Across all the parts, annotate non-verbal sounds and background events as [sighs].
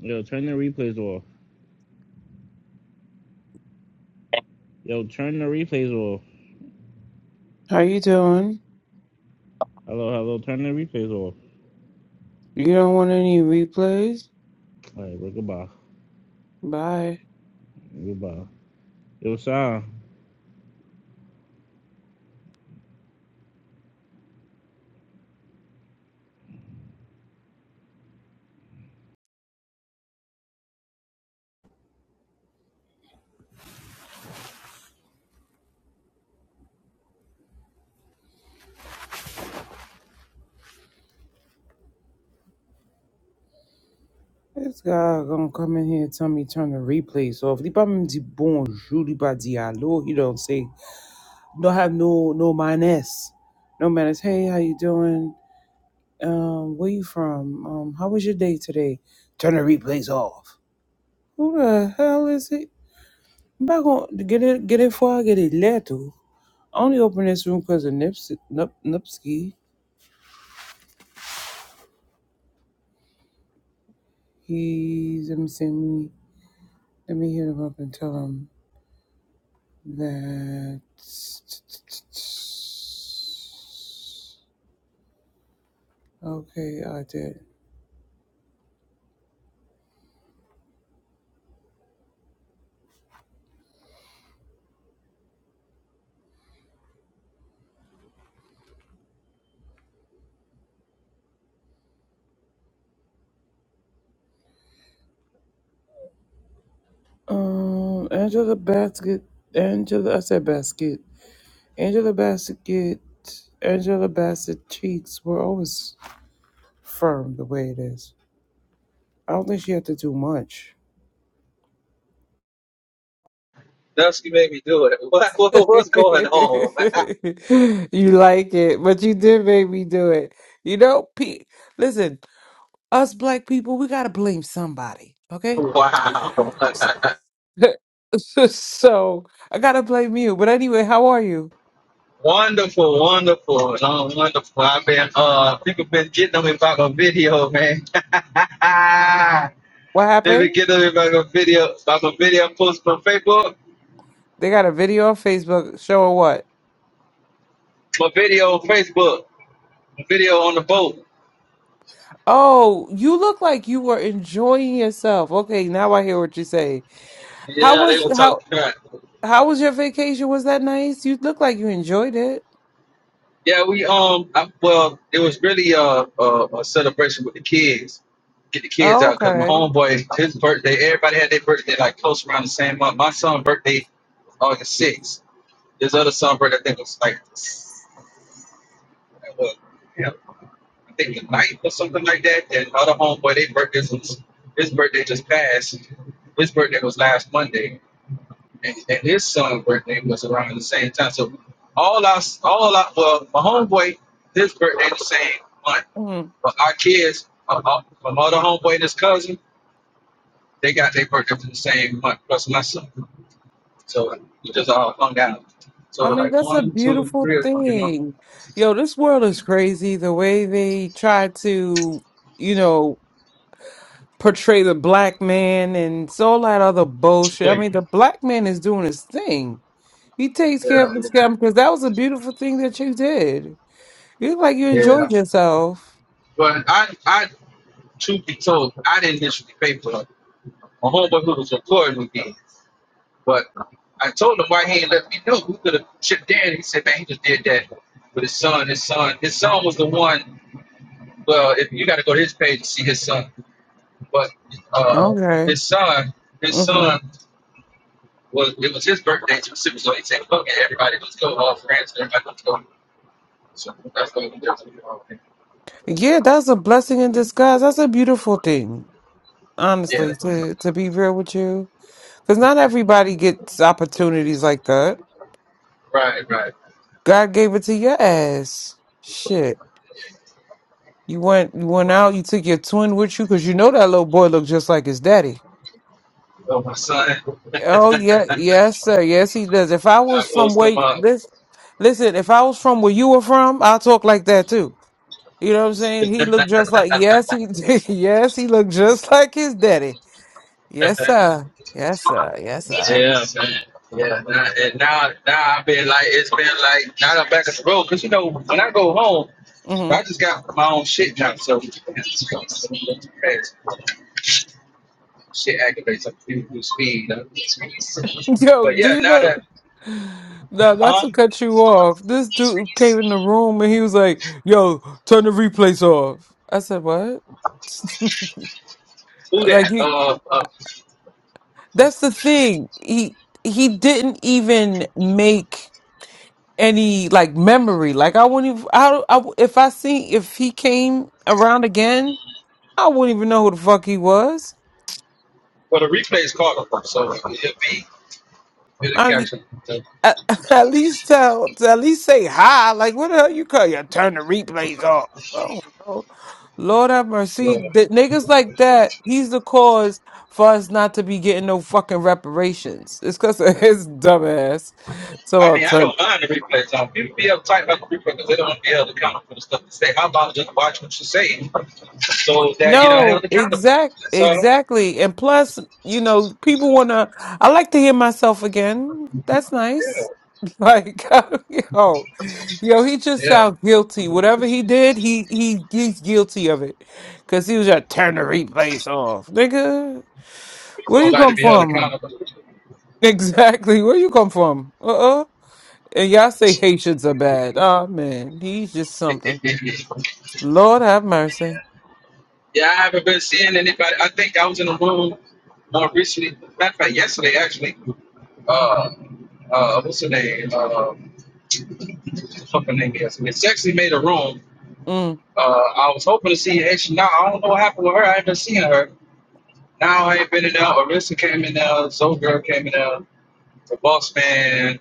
Yo, turn the replays off. Yo, turn the replays off. How you doing? Hello, hello, turn the replays off. You don't want any replays? All right, well, goodbye. Bye. Goodbye. Yo, Sal. This guy gonna come in here and tell me turn the replays off. Li pa mwen di bonjour, li pa di hello. He don't say, don't have no no manners. No manners. Hey, how you doing? Um, where you from? Um, how was your day today? Turn the replays off. Who the hell is it? I'm not gonna get it get it for I get it later. I only open this room because of Nips Nup, Nupski. He's let me see. Let me hit him up and tell him that. Okay, I did. Um, Angela Basket. Angela, I said Basket. Angela Basket. Angela Bassett cheeks were always firm the way it is. I don't think she had to do much. Dusty made me do it. [laughs] What, [laughs] you what what's going on? like it, but you did make me do it. You know, Pete. Listen, us black people, we gotta blame somebody. [laughs] Okay. wow. [laughs] [laughs] so I gotta blame you. But anyway, how are you? Wonderful, wonderful, no, wonderful. I've been uh people been getting on me about my video, man. [laughs] What they been happened? getting on me about my video about my video post on Facebook. They got a video on Facebook showing what? My video on Facebook. My video on the boat. Oh, you look like you were enjoying yourself. Okay, now I hear what you say. How Yeah, they was were how talking crap. how was your vacation? Was that nice? You look like you enjoyed it. Yeah, we um, I, well, it was really a, a a celebration with the kids, get the kids Oh, out because my okay. homeboy, his birthday, everybody had their birthday like close around the same month. My son's birthday was August sixth. His other son's birthday, I think, was like, uh, yeah, I think the ninth or something like that. And other homeboy, their birthdays was his birthday just passed. His birthday was last Monday, and, and his son's birthday was around the same time. So all our all our well, my homeboy, his birthday the same month. Mm. But our kids, uh, uh, my other homeboy and his cousin, they got their birthday from the same month plus my son. So like, we just all hung out. So I mean, like that's a one, two, beautiful three of them, you know. thing. Yo, this world is crazy. The way they try to, you know, portray the black man and so all that other bullshit. I Like, mean, the black man is doing his thing. He takes care of Yeah, his family because that was a beautiful thing that you did. You look like you yeah. enjoyed yourself. But I, I, truth be told, I didn't initially pay for it. My homeboy who was recording with me, but I told him why he ain't let me know. We could have chipped in. He said, man, he just did that with his son. His son, his son was the one. Well, if you got to go to his page to see his son But uh, Okay. his son, his hmm son was it was his birthday too soon, so he said, "Fuck it, everybody, let's go, all friends, everybody, let's go." So that's what we did. Yeah, that's a blessing in disguise. That's a beautiful thing, Yeah, honestly. To to be real with you, because not everybody gets opportunities like that. right, right. God gave it to your ass. Shit, you went you went out. You took your twin with you because you know that little boy looked just like his daddy. So my son, [laughs] Oh yeah, yes, sir. Yes, he does. If I I was from post him where up. this, listen, if I was from where you were from, I'll talk like that too. You know what I'm saying? He looked just like yes, he [laughs] did. yes, he looked just like his daddy. [laughs] Yes, sir. Yes, sir. Yes, sir. yeah, now- and now, now I've been like, it's been like, now I'm back at the road, cause you know, when I go home, hmm I just got my own shit done, so [laughs] shit activates up to speed. Huh? [laughs] Yo, But do yeah, you now know? that No, not huh? to cut you off. This dude came in the room and he was like, "Yo, turn the replays off." I said, "What?" Who Like that? he. Uh, uh That's the thing. He he didn't even make. any like memory. Like I wouldn't even. I, don't- I if I see if he came around again, I wouldn't even know who the fuck he was. well the replay is called for, so it'll be it'll I, catch it. I at [laughs] at least tell to at least say hi. Like what the hell you call you? Turn the replays off. Oh no, Lord have mercy. Yeah. The niggas like that. He's the cause for us not to be getting no fucking reparations. It's because of his dumb ass. So I I'll mean, I turn. don't mind the replays. Um, people be uptight about the replay because they don't want to be held accountable for the stuff they say. How about just watch what you say, so that you don't held No, accountable? exact, That's all. exactly. And plus, you know, people want to. I like to hear myself again. That's Yeah, nice. [laughs] Like, [laughs] yo, yo, he just yeah. sounds guilty. Whatever he did, he he he's guilty of it. Cause he was just turn the replays off, nigga. People Where don't you like to come be held from? accountable. [laughs] Exactly. Where you come from? Uh-uh. And y'all say Haitians are bad. Oh man, he's just something. [laughs] Lord have mercy. Yeah, I haven't been seeing anybody. I think I was in a room more recently. Matter of fact, yesterday actually. Uh, uh, what's her name? Uh, fucking name yesterday. She actually made a room. Mm. Uh, I was hoping to see her. She, now I don't know what happened with her. I haven't seen her. Now I ain't been in there. Arista came in there. Soul Girl came in there. The Boss Man.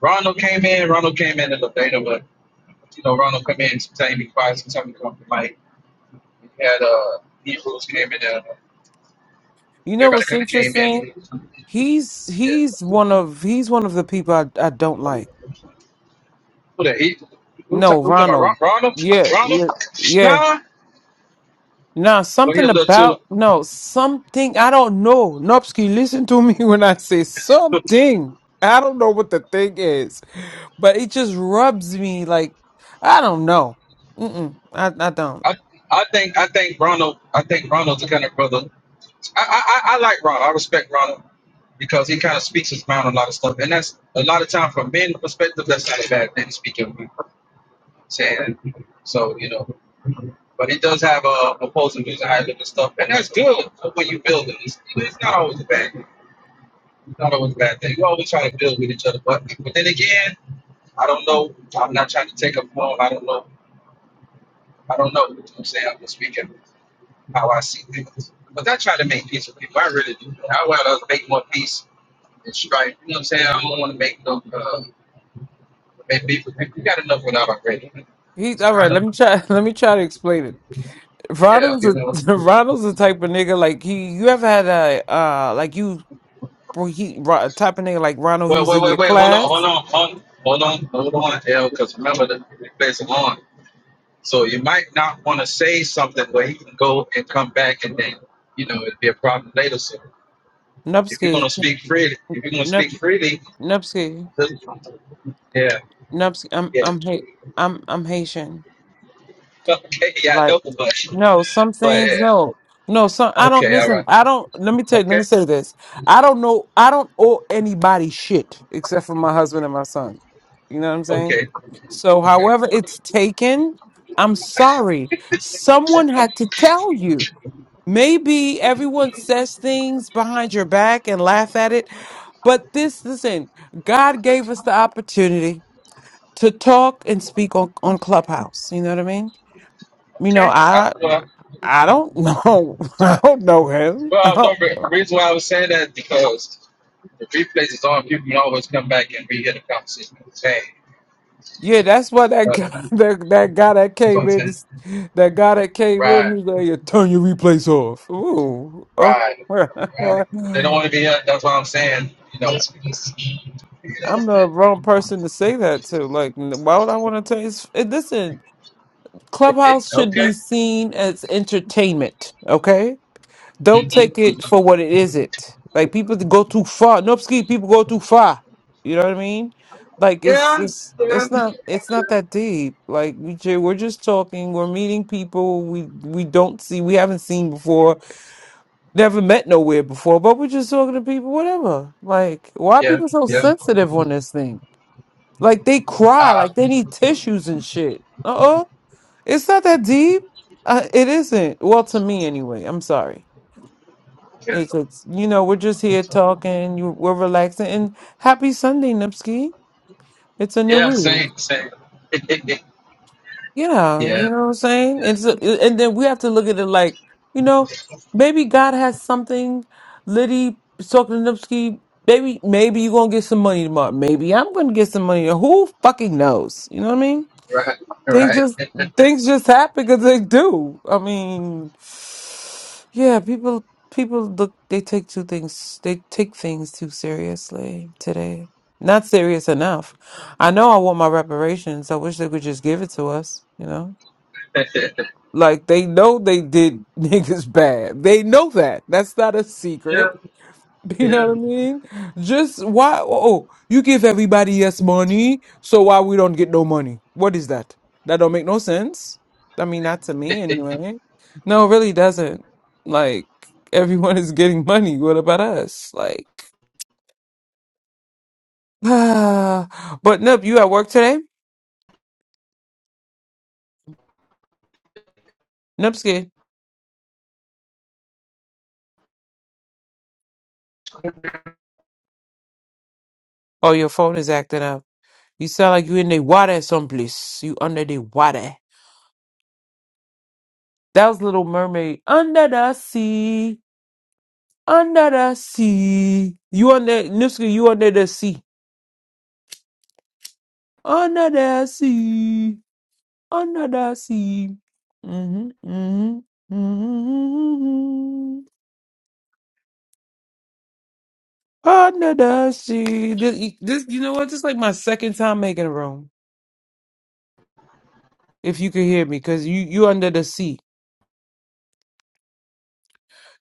Ronald came in. Ronald came in a little later, but you know, Ronald come in, sometimes he quiet, sometimes he come to mic. We had uh Hebrews came in there. You know Everybody what's kind of came interesting? in. He's Yeah. he's one of he's one of the people I, I don't like. Who the heat? Who ta- No, who talking about Ron- Ronald. Ronald? Yeah, Ronald? yeah, yeah. Nah. Nah, Well, he a something little too. about no something I don't know. Nopsky, listen to me [laughs] when I say something. I don't know what the thing is, but it just rubs me like I don't know. Mm-mm, I I don't. I, I think I think Ronald I think Ronald's the kind of brother. I, I I I like Ronald. I respect Ronald because he kind of speaks his mind on a lot of stuff, and that's a lot of time from men's perspective. That's not a bad thing to speak your mind, saying. So you know, but he does have uh, opposing views and how he look at stuff, and that's good for when you build it. It's, it's not always bad. Don't it was a bad thing. We always try to build with each other, but but then again, I don't know. I'm not trying to take up long. I don't know. I don't know. You know what I'm saying I'm just speaking how I see things. But I try to make peace with people. I really do. I want to make more peace and strife. You know what I'm saying? I don't want to make no uh, make beef with people. We got enough without our already. He's It's all right. kind Let of me try. [laughs] Let me try to explain it. yeah, Ronald's you a know. [laughs] Ronald's the type of nigga like he. You ever had a uh like you Well, he ro- type of nigga like Ronald. He Wait, was wait, in wait, your wait. Hold on, hold class. on, hold on, hold on, hold on, L. Because remember the replays are on. So you might not want to say something where he can go and come back and then, you know, it'd be a problem later. So if you're gonna Nupski, speak freely, if you're gonna nup, speak freely, Nupski, yeah, Nupski. I'm, yeah. [laughs] I'm, Ha- I'm, I'm Haitian. Okay, yeah, I Like, know but no, some but things, yeah. no, no. Some I don't Okay, all right. listen. I don't. Let me tell you. Let Okay, me say this. I don't know. I don't owe anybody shit except for my husband and my son. You know what I'm saying? okay, So, okay, however it's taken, I'm sorry. Someone had to tell you. Maybe everyone says things behind your back and laugh at it, but this, listen, God gave us the opportunity to talk and speak on, on Clubhouse. You know what I mean? You know, okay. I, I well, I don't know. [laughs] I don't know him. I well, no don't, re- reason why I was saying that is because the replays is on. People can always come back and rehear the conversation. Hey, yeah, that's what that uh, guy, [laughs] that that guy that that's what came I'm in, saying. he's- that guy that came Right. in, he's like, "Yeah, turn your replays off. Ooh, Right, oh, right. They don't want to [laughs] be. Uh, that's what I'm saying. You know. You know. I'm the wrong person to say that to. Like, why would I want to tell you? Listen, It, it, Clubhouse [laughs] should okay. be seen as entertainment, okay? Don't hmm take it for what it isn't. Like people that go too far. Nope, ski people go too far. You know what I mean? Like it's it's it's not it's not that deep. Like we ju- we're just talking, we're meeting people we we don't see, we haven't seen before, never met nowhere before, but we're just talking to people whatever. Like why are Yeah. people so Yeah. sensitive on this thing? Like they cry, Uh, like they need tissues and shit. Uh uh it's not that deep. Uh, it isn't. Well, to me anyway. I'm sorry. yeah. It's, it's you know we're just here talking. You, we're relaxing and happy Sunday, Nipsky. It's a new Yeah. week. Same. Same. [laughs] yeah. Yeah, Yeah. you know what I'm saying. It's a, and then we have to look at it like you know maybe God has something. Liddy is talking to Nipsky. Maybe maybe you're gonna get some money tomorrow. Maybe I'm gonna get some money. Who fucking knows? You know what I mean? Right. things Right. just [laughs] things just happen because they do. I mean, yeah, people people look they take two things they take things too seriously today. Not serious enough. I know I want my reparations. I wish they would just give it to us. You know, like they know they did [laughs] niggas bad. They know that. That's not a secret yeah. [laughs] You Yeah. know what I mean? Just why? Oh, oh, you give everybody yes money, so why we don't get no money? What is that? That don't make no sense. I mean, not to me anyway. No, it really doesn't. Like [laughs] everyone is getting money. What about us? Like, [sighs] but Nip, you at work today? Nipski, oh, your phone is acting up. You sound like you in the water someplace. You under the water. That was Little Mermaid under the sea. Under the sea. You on that Nipsey, you under the sea. Under the sea. Under the sea. Mm-hmm. Mm-hmm. Mm-hmm. Under the sea. This, this you know what? This is like my second time making a room. If you could hear me, because you you under the sea.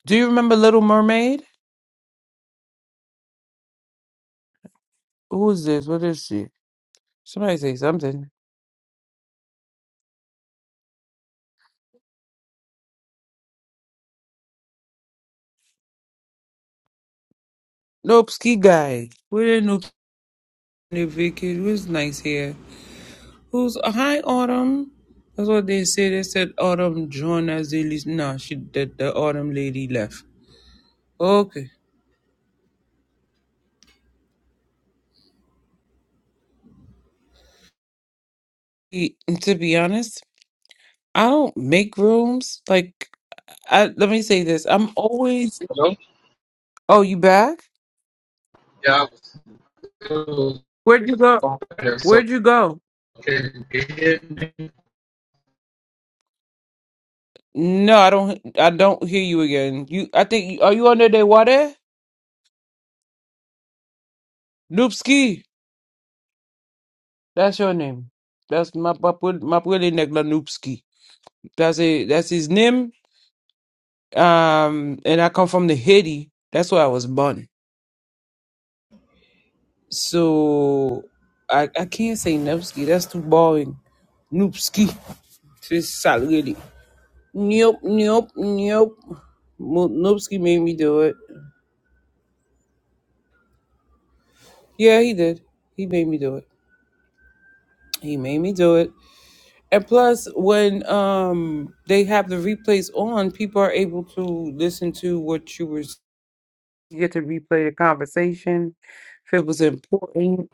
Do you remember Little Mermaid? Who is this? What is she? Somebody say something. Nope, ski guy. Where the new vacation? What's nice here? Who's uh, hi Autumn? That's what they say. They said Autumn joined as they least. No, she the, the Autumn lady left. Okay. E- To be honest, I don't make rooms. Like, I, let me say this. I'm always. Hello. Oh, you back? Yeah. I was still Where'd you go? there. So Where'd you go? can you hear me? No, I don't. I don't hear you again. You, I think. Are you under the water? Noopski. That's your name. That's my papa. My papa name, Noopski. That's it. That's his name. um and i come from the haiti that's where i was born so i i can't say nevsky that's too boring noopski this salary nope nope nope Mo- noopski made me do it yeah he did he made me do it he made me do it and plus when um they have the replays on people are able to listen to what you were you get to replay the conversation if it was important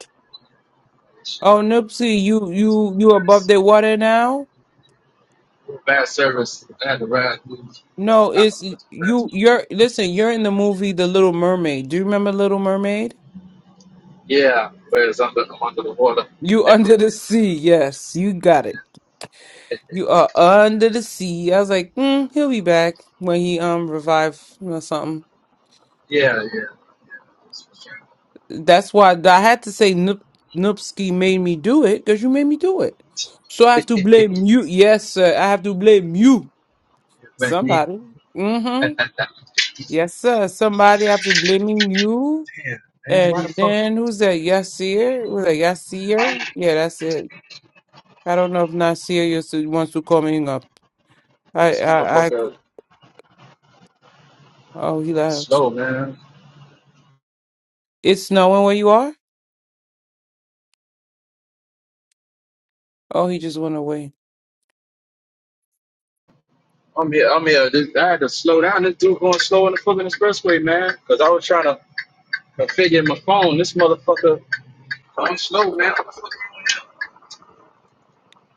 Oh, Nipsey, you you you above the water now? Bad service. I had to ride. through. No, I it's don't trust the bad you. service. You're listen. You're in the movie The Little Mermaid. Do you remember Little Mermaid? Yeah. Whereas I'm, I'm under the water. You [laughs] under the sea. Yes, you got it. [laughs] You are under the sea. I was like, mm, he'll be back when he um revive or something. Yeah, yeah. yeah. that's for That's why I had to say Nip Nipsky made me do it because you made me do it. So I have to sure. blame you. Yes, sir. I have to blame you. [laughs] but me, Somebody. [laughs] Mm-hmm. man, Yes, sir. Somebody have to blaming you. why the And fuck then who's that? Yasir? Was that Yasir? Yeah, that's it. I don't know if Nasir is the ones who call me up. I, this I, I, motherfucker oh, he left. slow, man? It's snowing where you are? Oh, he just went away. I'm here. I'm here. This, I had to slow down. This dude going slow in the fucking expressway, man. Cause I was trying to configure my phone. This motherfucker, I'm slow, man. What the fuck?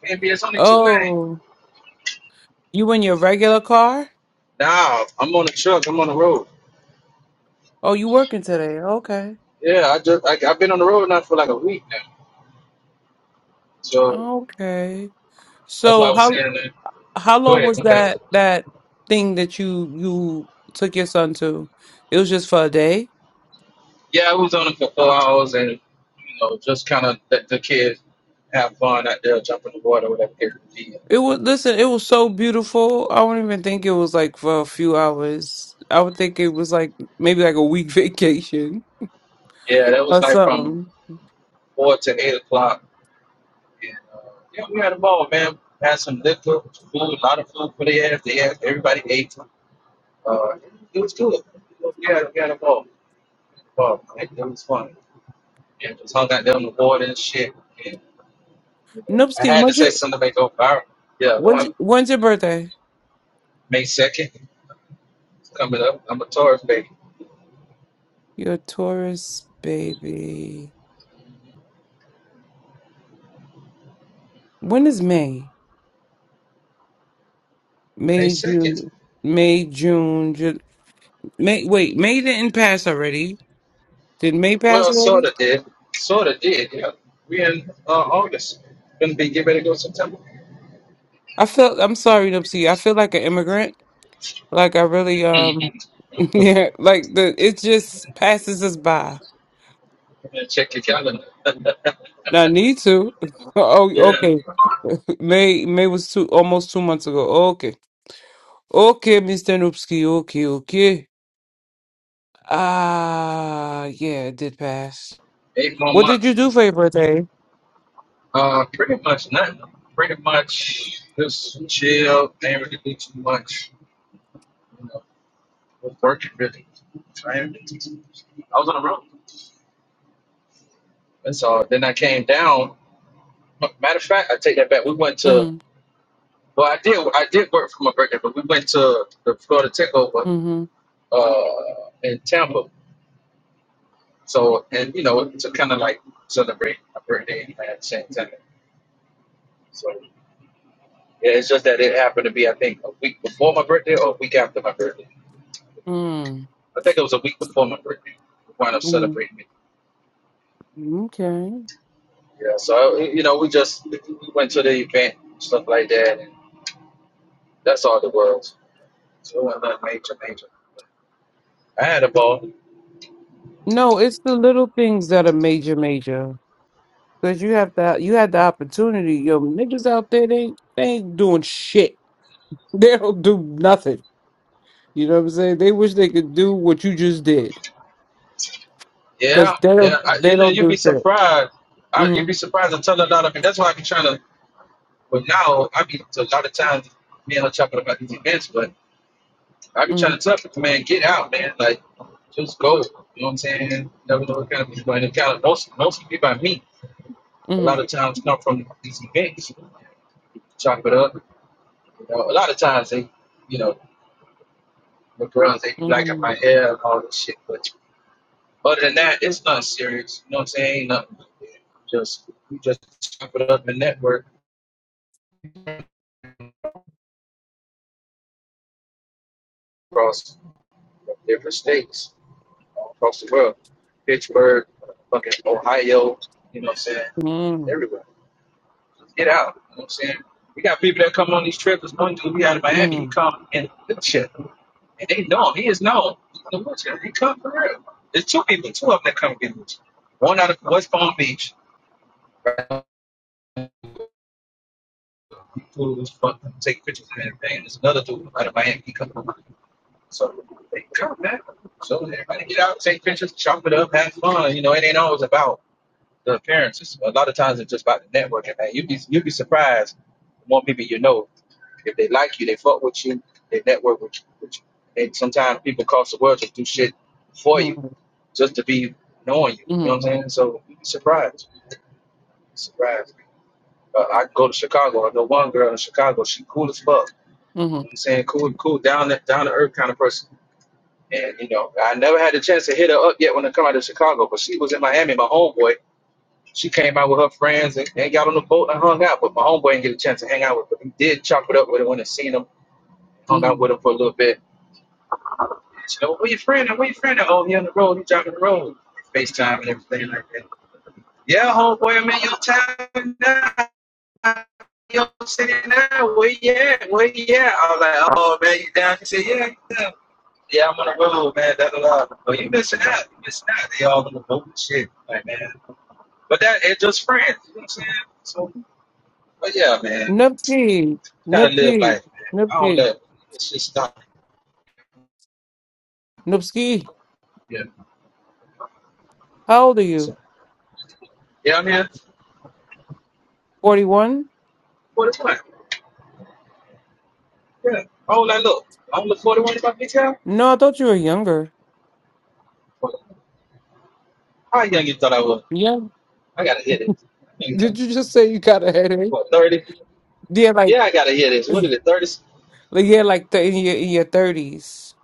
Can't be. It's only two lanes. Oh, you in your regular car? Nah, I'm on the truck. I'm on the road. Oh, you working today? Okay. Yeah, I just I, I've been on the road now for like a week now. So Okay. that's why I So was how, saying that. how Go long ahead. was Okay. that, that thing that you, you took your son to? It was just for a day? Yeah, I was on it for four hours and, you know, just kind of let the kids have fun out there, jump in the water, whatever it could be. It was listen, it was so beautiful. I don't even think it was like for a few hours. I would think it was like maybe like a week [laughs] vacation Yeah, that was or like from something. 4 to 8 o'clock. And, uh, yeah, we had a ball, man. Had some liquor, food, a lot of food for the ass. They asked, everybody ate. Uh, it was good. Yeah, we had a ball. ball. It, it was fun. Yeah, just hung out there on the water and shit. And, you know, I Nupski, had to when's say your something to make it go viral. Yeah, when's one, your, when's your birthday? May 2nd, coming up. I'm a Taurus baby. You're a Taurus baby. When is May? May May 2nd. June. May June. Ju- May wait. May didn't pass already. Did May pass Well, sort already? of did. Sort of did, yeah. We in uh, August. Gonna be getting ready to go September. I feel. I'm sorry, Nupsi. I feel like an immigrant. Like I really [laughs] um. [laughs] Yeah, like the it just passes us by. Yeah, Check your calendar. [laughs] I need to. [laughs] Oh, yeah, okay. May May was two almost two months ago. Okay, okay, Mr. Noopski. Okay, okay. Ah, yeah, it did pass. eight more What did months. you do for your birthday? Uh, pretty much nothing. Pretty much just chill. Didn't really do too much. You know, was working really. I ain't- I was on the road. That's all. Then I came down. Matter of fact, I take that back. We went to. Mm, Well, I did. I did work for my birthday, but we went to the Florida Takeover mm-hmm, uh, in Tampa. So, and you know, to kind of like celebrate my birthday at same time. So, yeah, it's just that it happened to be, I think, a week before my birthday or a week after my birthday. mm, I think it was a week before my birthday. We wound up celebrating it. mm, okay. Yeah, so, you know, we just we went to the event, stuff like that, and that's all it was. I had a ball. No, it's the little things that are major, major. Cause you have the you had the opportunity. Yo, niggas out there, they they ain't doing shit. [laughs] They don't do nothing. You know what I'm saying? They wish they could do what you just did. Cause Yeah, they yeah. don't I, they you know, don't you'd do be shit. surprised. I, you'd be Mhm. surprised. I tell a lot of people. That's why I be trying to, but now, I mean, a lot of times, me and her talking about these events, but I be Mhm. trying to tell people, man, get out, man. Like, just go. You know what I'm saying? Never know what kind of people in the calendar. Most, most people by me, a lot Mhm. of times come from these events, chop it up. You know, a lot of times they, you know, the girls, they be liking my Mhm. hair and all this shit. But other than that, it's not serious. You know what I'm saying? Ain't nothing. Just, we just chop it up and network across different states, across the world. Pittsburgh, fucking Ohio, you know what I'm saying? Mhm. Everywhere. Let's get out. You know what I'm saying? We got people that come on these trips. There's one dude we had in Miami. He Mhm. come in a wheelchair. And they know him. He is known. He's in a wheelchair. He come for real. There's two people, two of them that come get wheelchair. One out of West Palm Beach. Right? He cool as fuck. pictures and everything. There's another dude out of Miami. He come from Miami. So they come, man. So everybody get out, take pictures, chop it up, have fun. You know, it ain't always about the appearances. A lot of times it's just about the networking, man. You'd be, you'd be surprised the more people you know If they like you, they fuck with you, they network with you. With you. And sometimes people across the world just do shit for you just to be knowing you. You know Mhm. Mhm. what I'm saying? So you be surprised. Surprised. Uh, I go to Chicago. I know one girl in Chicago. She cool as fuck. You know what Mhm. I'm saying cool, cool, down the, down to earth kind of person. And you know, I never had the chance to hit her up yet when I come out of Chicago, but she was in Miami, my homeboy. She came out with her friends and, and got on the boat and hung out. But my homeboy didn't get a chance to hang out with, her. but he did chop it up with her when I seen him, hung out with him Mhm. for a little bit She go, where your friend at? Where your friend at? Oh, he on the road. He driving the road. FaceTime and everything like that. Yeah, homeboy, I'm in your town now. Your city now. Where you at? Where you at? I was like, oh, man, you down? He said, yeah, yeah. Yeah, I'm on the road, man. That's a lot. Oh, you missing out. You missing out. They all on the road and shit. Like, man. But that, it's just friends. You know what I'm saying? So, but yeah, man. Nupski. kind of live Nupski. life, man. I don't Nupski. let it just stop. Nupski. Yeah. How old are you? So, yeah, man whats Forty one? What is what? Yeah. I don't like look. I don't look 41 in my about big No, I thought you were younger. How young you thought I was? Yeah. I gotta hear this. You know, Did you just say you got a headache? What, 30? Yeah, like Yeah, I gotta hear this. What is it, 30, like, yeah, like the, in your in your thirties.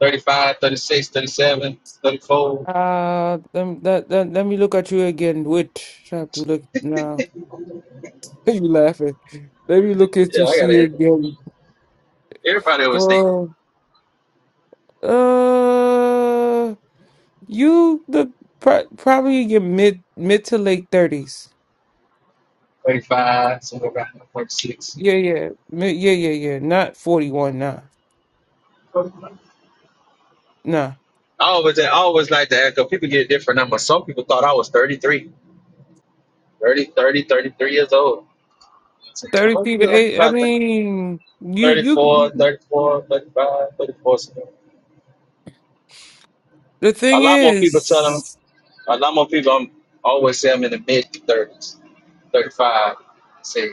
35, 36, 37, 34? [laughs] Uh, let, let, let, let me look at you again. Which I have to look now. [laughs] you laughing? Let me look at Yeah, you I gotta see hear this. again. Everybody always think. Well, uh, you the pro probably your mid mid to late thirties. I Yeah, yeah, mid, yeah, yeah, yeah. Not forty one. Nah, nah. always, I always like to echo. People get different numbers. Some people thought I was 33, 30, 30, 33 years old. I said, I Thirty was three to like eight. I about mean, you 34, you. 34, 35, 34. So The A thing lot more people tell them. is, A lot more people um, always say I'm in the mid 30s, 35, say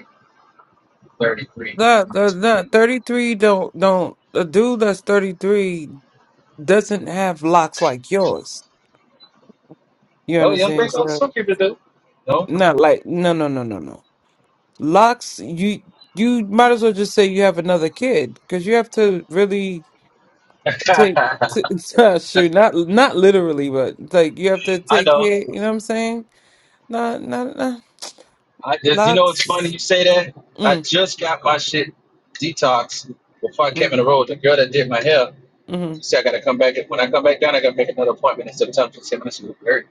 33. not uh, Mm. not thirty three. Don't don't a dude that's thirty three doesn't have locks like yours. You Oh, young understand? people, some So people do. No? not like no no no no no. Locks, you you might as well just say you have another kid because you have to really [laughs] take I to, [laughs] sure not not literally, but like you have to take know. care. You know what I'm saying? Not not not I just, you know, it's funny locks. you say that. I Mm, just got my shit detox before I came in mm, the road. The girl that did my hair, she mm, said I got to come back. When I come back down, I got to make another appointment in September. She said, man, this was great.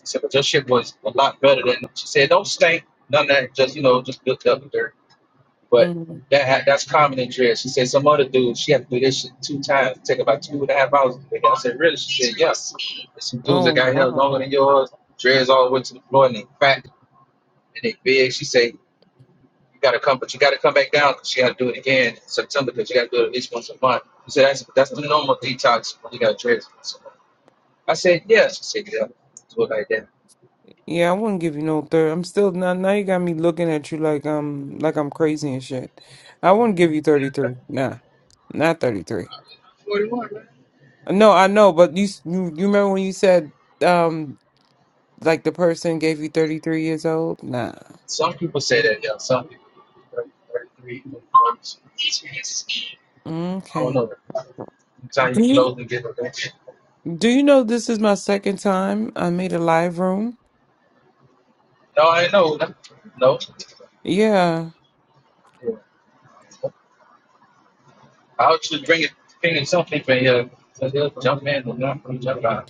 She said, but your shit was a lot better than, she said, don't stink, none of that. Just, you know, just built up dirt. But mm. that ha- that's common in jail. She said some other dudes, she had to do this shit two times, take about two and a half hours. to do it. I said, really? She said, yes. There's some dudes that Oh got here wow. longer than yours, dreads all the way to the floor, and they fat and they big. She said, you gotta come, but you gotta come back down because she got to do it again in September because you got to do it at least once a month. She said, that's that's the normal detox when you got dreads. So I said, yes. She said, yeah. Do it like that. Yeah, I wouldn't give you no third. I'm still now. Now you got me looking at you like um like I'm crazy and shit. I wouldn't give you 33. Nah, not 33. 41, man. No, I know, but you s- you, you remember when you said. um. Like the person gave you 33 years old? Nah. Some people say that, yeah. Some people. thirty, 33, 34. I don't Okay. know. tie your Do you clothes and get it. do you know this is my second time I made a live room? No, I know. No, no. Yeah. I'll just bring it, bringing something for you. So they'll jump in and jump, and jump out.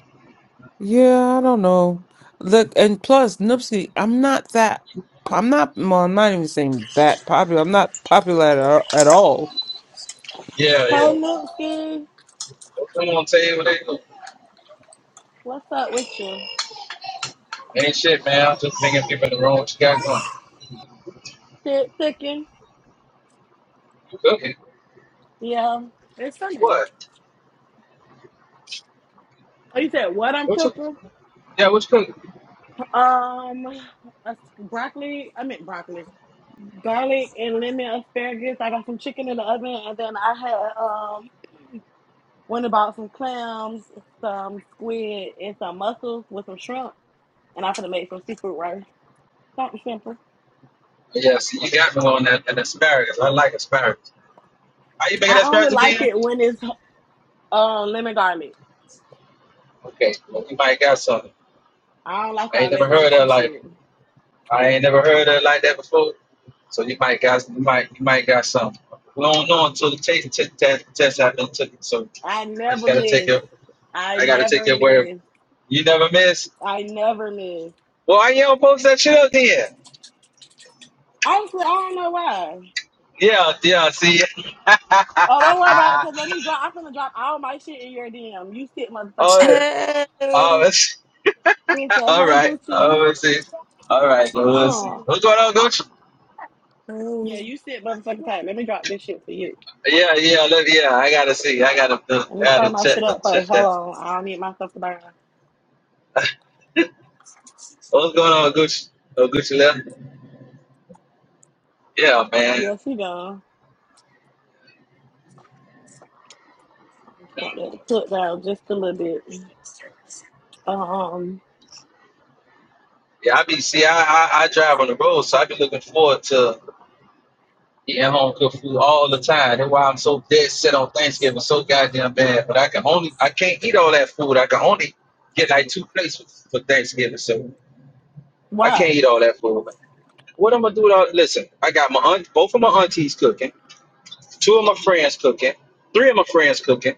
Yeah, I don't know. Look, and plus Nipsey, I'm not that I'm not well, I'm not even saying that popular. I'm not popular at, all- at all. Yeah, Hey, yeah. Milton. Come on, tell you what they do. What's up with you? Ain't shit, man. I'm just bringing people in the room. What you got going? Shit cooking? You cooking? Yeah, it's Sunday. What? Oh, you said what I'm What's up? cooking? Yeah, what's cooking? Um, a broccoli. I meant broccoli, garlic, and lemon asparagus. I got some chicken in the oven, and then I had um went and bought some clams, some squid, and some mussels with some shrimp, and I'm gonna make some seafood rice. Something simple. Yeah, see, you got me on that, that asparagus. I like asparagus. Are you making I only asparagus like again? it when it's um lemon garlic. Okay, well, you might got something. I don't like I ain't all never that heard of that extra like shit. I ain't never heard of it like that before. So you might got you might you might got something. We don't know until the taste t- test test happened. Took it. So so I I just never gotta take miss. it. I I gotta take never it where miss. you never miss. I never miss. Well, why you don't post that shit up then? Honestly, I don't know why. Yeah, yeah. See. [laughs] Oh, don't worry about it, cause let me drop. I'm gonna drop all my shit in your DM. You sit motherfucking tight. oh, Hey. oh, You it's, Who [laughs] said, all "Hey, right. Gucci"? Oh, let's see. All right. Well, let's see. Oh, What's going on, Coach? know yeah, you sit motherfucking tight. Let me drop this shit for you. Yeah, yeah, let, yeah. I gotta see. I gotta, I Let me gotta start my check, shit up first. check Hold on, I don't need my stuff to burn. that. [laughs] What's going on, Gucci? Oh, Gucci left. Yeah, man. Yes, you gone. I just want that to cook down just a little bit. Um, Yeah, I be see, I, I I drive on the road, so I be looking forward to eating home cooked food all the time. That's why I'm so dead set on Thanksgiving, so goddamn bad. But I can only, I can't eat all that food. I can only get like two plates for for Thanksgiving, so I why? can't eat all that food. What I'm gonna do with all? Listen, I got my aunt, both of my aunties cooking, two of my friends cooking, three of my friends cooking,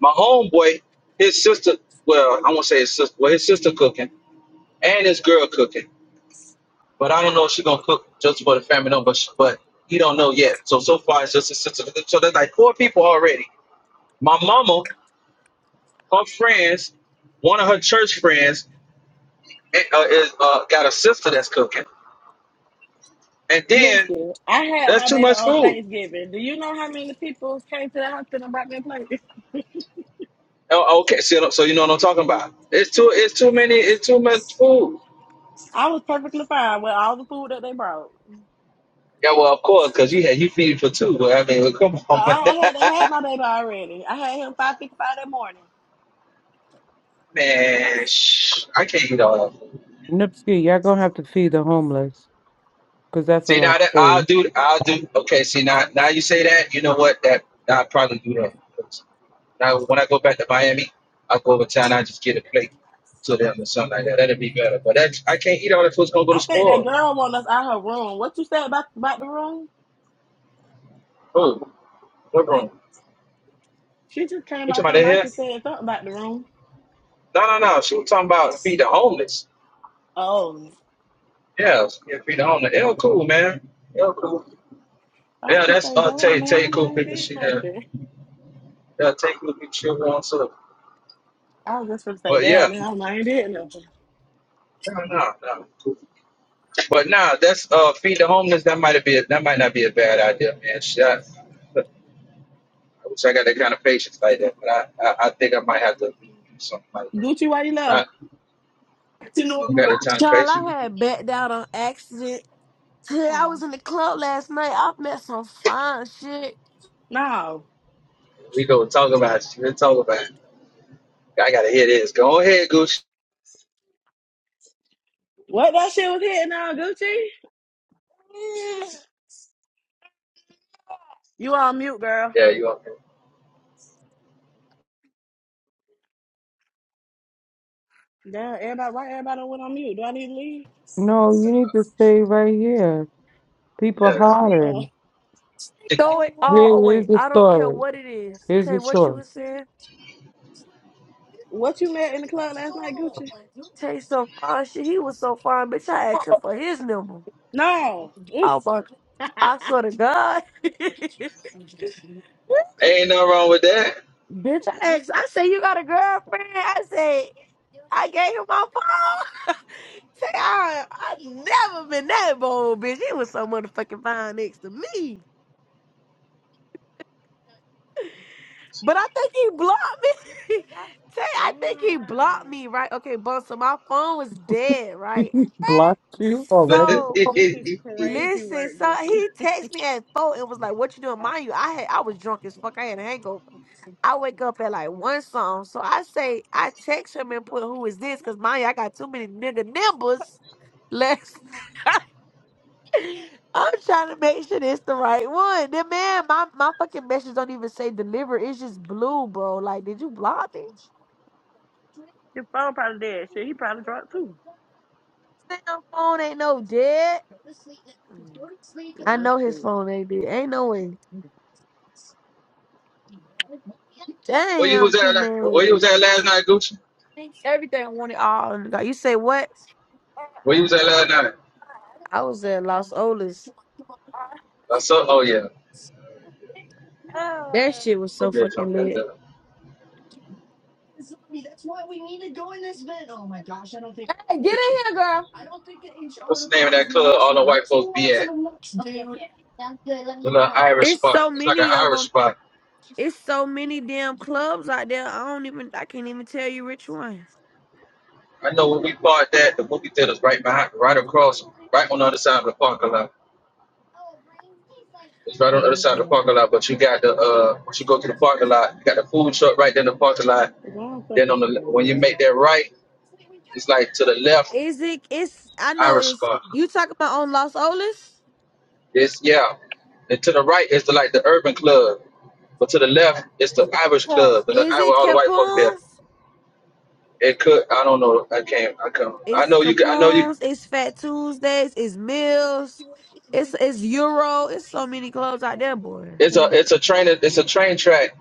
my homeboy, his sister. Well, I won't say his sister. Well, his sister cooking. and his girl cooking. But I don't know if she's gonna cook just for the family. No, but sh but he don't know yet. So so far it's just his sister. So there's like four people already. My mama, her friends, one of her church friends, eh, uh, is uh, got a sister that's cooking. And then Lucy, I had that's my too baby much on food. Thanksgiving. Do you know how many people came to the house and brought me a plate? [laughs] Oh, okay, so, so you know what I'm talking about. It's too it's too many it's too much food. I was perfectly fine with all the food that they brought. Yeah, well of course, cause you had you feeding for two. But I mean, come on, [laughs] I, I had I had man. my baby already. I had him five fifty five that morning. shh, I can't eat all that. Nipsey, y'all gonna have to feed the homeless because that's a See lot now of that I'll food. do I'll do okay. See now now you say that you know what that nah, I'll probably do that. Now when I go back to Miami, I'll go over town. I just get a plate to them or something like that. That'd be better. But that's I can't eat all that food. It's gonna go to I think that spoil. girl wanted us out her room. What you said about about the room? Who? What room? She just came You out talking about her that mouth here? and said something about the room. No no no. She was talking about feed the homeless. Oh, Yeah, yeah feed the homeless. L cool man. L cool. I was Yeah, going that's say, uh damn Tay Tay man, cool I ain't people. did She yeah nothing. yeah Tay cool people. She wants to. I was just gonna say, But yeah. damn man, I ain't did nothing. No no no. But nah, that's uh feed the homeless. That might be a, that might not be a bad idea, man. Shit, I, I wish I got that kind of patience like that, but I, I, I think I might have to do something like that. Gucci, why you I left? what, don't got Lord? the time to Y'all, I patience. had backed out on accident. Hey, I Oh, was in the club last night. I met some fine shit. no. We go talk about it. We talk about it. I gotta hear this. Go ahead, Gooch. What that shit was hitting on Gucci? You on mute, girl. Yeah, you up? Damn, everybody, right? Everybody went on mute. Do I need to leave? No, you need to stay right here. People Yeah, Uh, hollering. Throw it all Here is away. the I don't care story. what it is. Here's Say the what you story. was saying. what you met in the club last night, Gucci? taste some fine shit. He was so fine, bitch. I asked him for his number. No. Mm. I was like, I swear to God. [laughs] bitch, [laughs] ain't no wrong with that. I asked. I say You got a girlfriend? I say. I gave him my phone. [laughs] Say, I, I never been that bold, bitch. He was so motherfucking fine next to me. But I think he blocked me. [laughs] Say, I think he blocked Why? me, right? Okay, but so my phone was dead, right? [laughs] Blocked you But already? this- [laughs] So This is crazy listen, work, so Gucci. he texted me at four and was like, "What you doing?" Mind you, I had I was drunk as fuck. I had a hangover. I wake up at like one song, so I say I text him and put, "Who is this?" Because mind you, I got too many nigga numbers. [laughs] left. I'm trying to make sure it's the right one. Then man, my, my fucking message don't even say deliver. It's just blue, bro. Like, did you block me? Your phone probably dead. Shit, he probably drunk too. Sam phone ain't no dead. Mm. I Well, know his shit. phone ain't dead. Ain't no way. where you Damn, was I'm at? too la- Where you mad. was at last night, Gucci? Everything I wanted all. in the dark. You say what? Where you was at last night? I was at Los Olas. I saw. Oh yeah. As That shit was so Okay, fucking Trump got lit. Hey, get in here, that. girl. What's the name of that club all the white folks be at? The little Irish It's spot. so It's like an many of them. Irish spot. It's so many damn clubs out there. I don't even. I can't even tell you which one. I know when we bought that, the movie theater's right behind, right across, right on the other side of the parking lot. It's I right on the don't other side of even the know. parking lot, but you got the, uh, once you go to the parking lot, you got the food truck right there in the parking lot. long as fuck Then is on the, le- when you make yeah. that right, it's like to the left, Is it? It's. I know. Irish It's. spot. You talking about on Los Olas? It's, yeah. And to the right is the, like the urban club. But to the left, it's the Irish club, the, the Is it all the white folks there. Capone's? It could. I don't know. I can't. I can not I It's know you. can- I know you. Capone's. It's Fat Tuesdays. It's Mills. It's it's Euro. It's so many clubs out there, boy. It's a. Mm. It's a train. It's a train track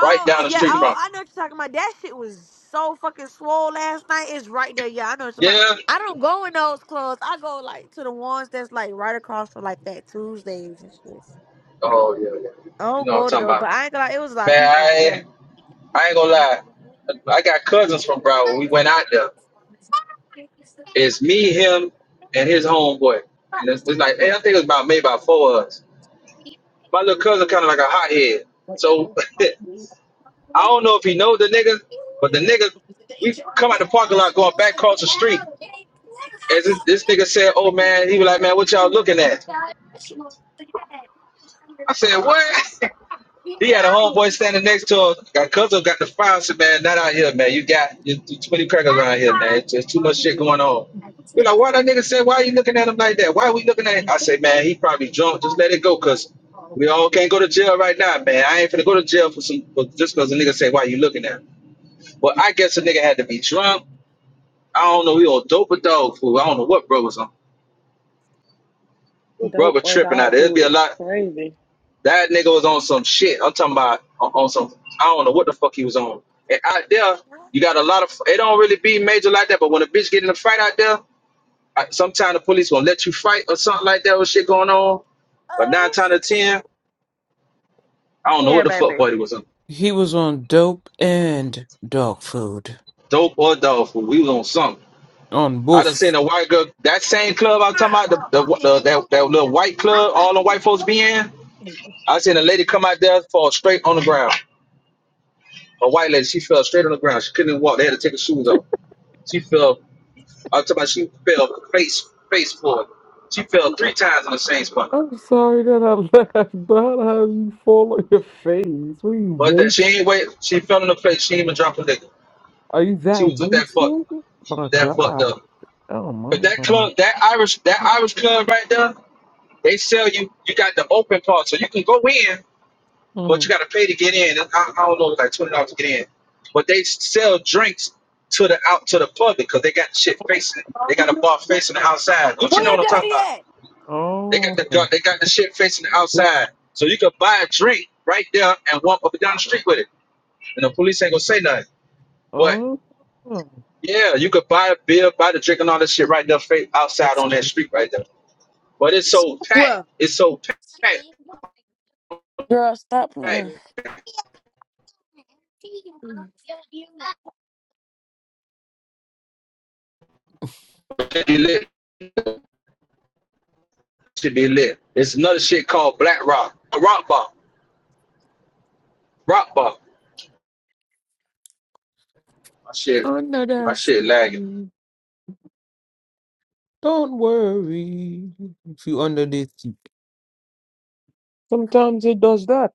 right down the yeah, street oh from. I know what you're talking about. That shit was so fucking swole last night. It's right there, yeah. I know what you're talking about. Yeah. I don't go in those clubs. I go like to the ones that's like right across from like that Tuesdays and shit. Oh yeah, yeah. I You don't know go what to I'm talking those, about. but I ain't gonna lie, it was a lot of Man, people out there. I. I ain't gonna lie. I got cousins from Broward. We went out there. It's me, him, and his homeboy. And it's, it's like, hey, I think it's about maybe about four of us. My little cousin kind of like a hothead. So [laughs] I don't know if he knows the nigga, but the nigga, we come out the parking lot going back across the street. As it, this nigga said, "Oh man," he was like, "Man, what y'all looking at?" I said, "What?" [laughs] he had a homeboy standing next to him. Got cousin got the fire. Said, "Man, not out here, man. You got you, you too many crackers around here, man. There's too much shit going on." We like, why that nigga said, "Why you looking at him like that? Why we looking at?" Him? I said, "Man, he probably drunk. Just let it go, cause we all can't go to jail right now, man. I ain't finna go to jail for some for, just cause a nigga say, 'Why "Why you looking at?" Him? Well, I guess a nigga had to be drunk. I don't know. He on dope or dog food. I don't know what bro was on. Well, Dope brother or tripping out. dog It'd be a food is lot. crazy. That nigga was on some shit. I'm talking about on, on some. I don't know what the fuck he was on. And out there, you got a lot of. It don't really be major like that. But when a bitch get in a fight out there, I, sometime the police gonna let you fight or something like that with shit going on. But nine times out of ten, I don't know Yeah, [laughs] what the fuck baby. party was on. He was on dope and dog food. Dope or dog food. We was on something. On I done both. seen a white girl. That same club I'm talking about, the, the, the that, that little white club, all the white folks be in. I seen a lady come out there fall straight on the ground. A white lady, she fell straight on the ground. She couldn't even walk. They had to take her shoes off. She fell. I'm talking about she fell face face forward. She fell three times in the same spot. I'm sorry that I [laughs] laughed, but how you fall on your face? What are you But that wait? she ain't wait. She fell in the face. She ain't even dropped a nigga. Are you She that was with that fuck wasted? My that fucked God. up. Oh But my that God. club, that Irish, that Irish club right there, they sell you. You got the open part, so you can go in, but you Mm. got to pay to get in. I, I don't know, it's like twenty dollars to get in. But they sell drinks to the out to the public because they got shit facing. They got a bar facing the outside. Don't Where you know your what I'm talking daddy about? at? They got Oh. the gut, they got the shit facing the outside. So you could buy a drink right there and walk up and down the street with it. And the police ain't gonna say nothing. But Oh. yeah, you could buy a beer, buy the drink and all that shit right there fa- outside That's on that it. street right there. But it's so packed. Well, It's so packed. Girl, stop packed. playing. It Should be lit. It Should be lit. It's another shit called Black Rock. a Rock Bar. Rock Bar. My shit. Under My that shit lagging. sea, don't worry. If you under the sea. Sometimes it does that.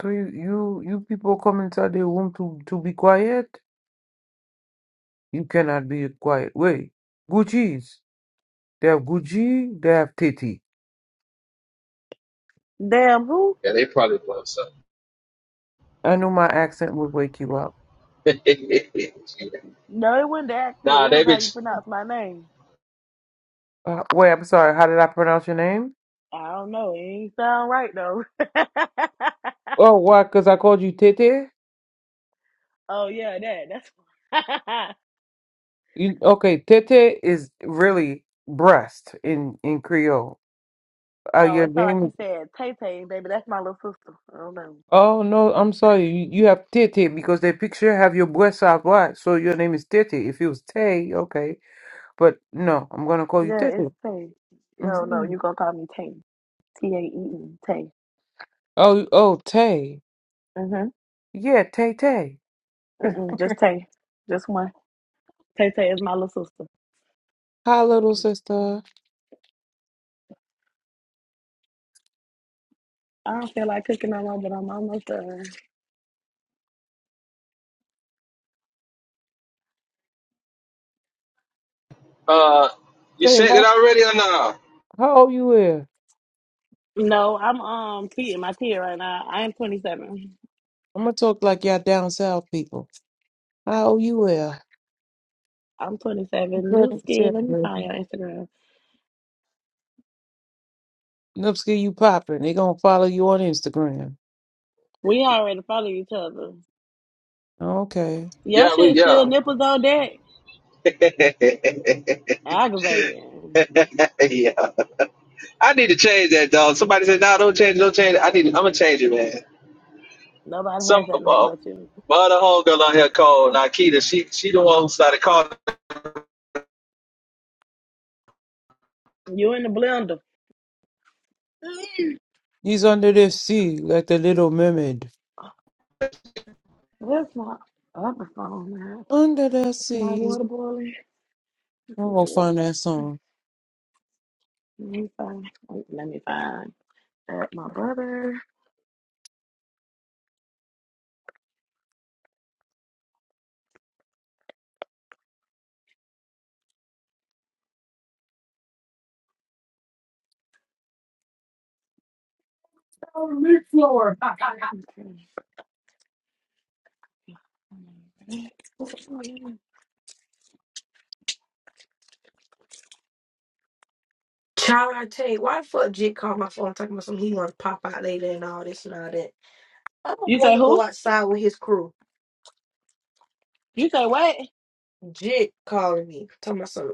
So you, you, you people come inside the room to, to be quiet? You cannot be quiet. Wait, Gucci's. They have Gucci, they have Titi. Damn, who Yeah, they probably was I knew my accent would wake you up. something. [laughs] No, it wasn't the accent. nah, It they was how you bitch. pronounce my name. Uh, wait, I'm sorry. How did I pronounce your name? I don't know. It ain't sound right though. [laughs] Oh, why? Because I called you Tete? oh yeah, that. That's. [laughs] You, okay, Tete is really breast in, in Creole. Uh, oh, your it sound like name is... you said Tay Tay, baby. That's my little sister. I don't know. Oh, no, I'm sorry. You, you have Tete because they picture have your breast out wide. So your name is Tete. If it was Tay, okay. But no, I'm going to call you Yeah, it's Tete. Tay. No, no, Mhm. you gonna call me Tay. T A E E. Tay. Oh, oh, Tay. Mhm. Yeah, Tay Tay. Mm-mm, just Tay. Just one. Tay Tay is my little sister. Hi, little sister. I don't feel like cooking no more, but I'm almost done. Uh, you Tay, said it how, already or nah? how old you is? No, I'm um feeding my kid right now. I am 27. I'm gonna talk like y'all down south people. How old you is? I'm 27. New skin. Let me find your Instagram. Nupski, you popping. They gonna follow you on Instagram. We already follow each other. Okay. Your Yeah, we shit still yeah. nipples on deck. [laughs] yeah. Aggravating. I need to change that, dog. Somebody said, "Nah, don't change, it, don't change." it." I need, I'm gonna change it, man. Nobody Some has that name uh, but you. my other homegirl out here called Nikita. She, she the one who started calling. You in the blender. Mm. He's under the sea like the little mermaid. That's not up the phone, man. Under the My sea. water boiling. It's I'm my gonna water. find that song. Let me find. wait, Let me find. At my brother. Okay. child, I tell you, why the fuck Jig called my phone talking about some he want to pop out later and all this and all that. I don't You say want to who? go outside with his crew. You say what? Jig calling me talking about some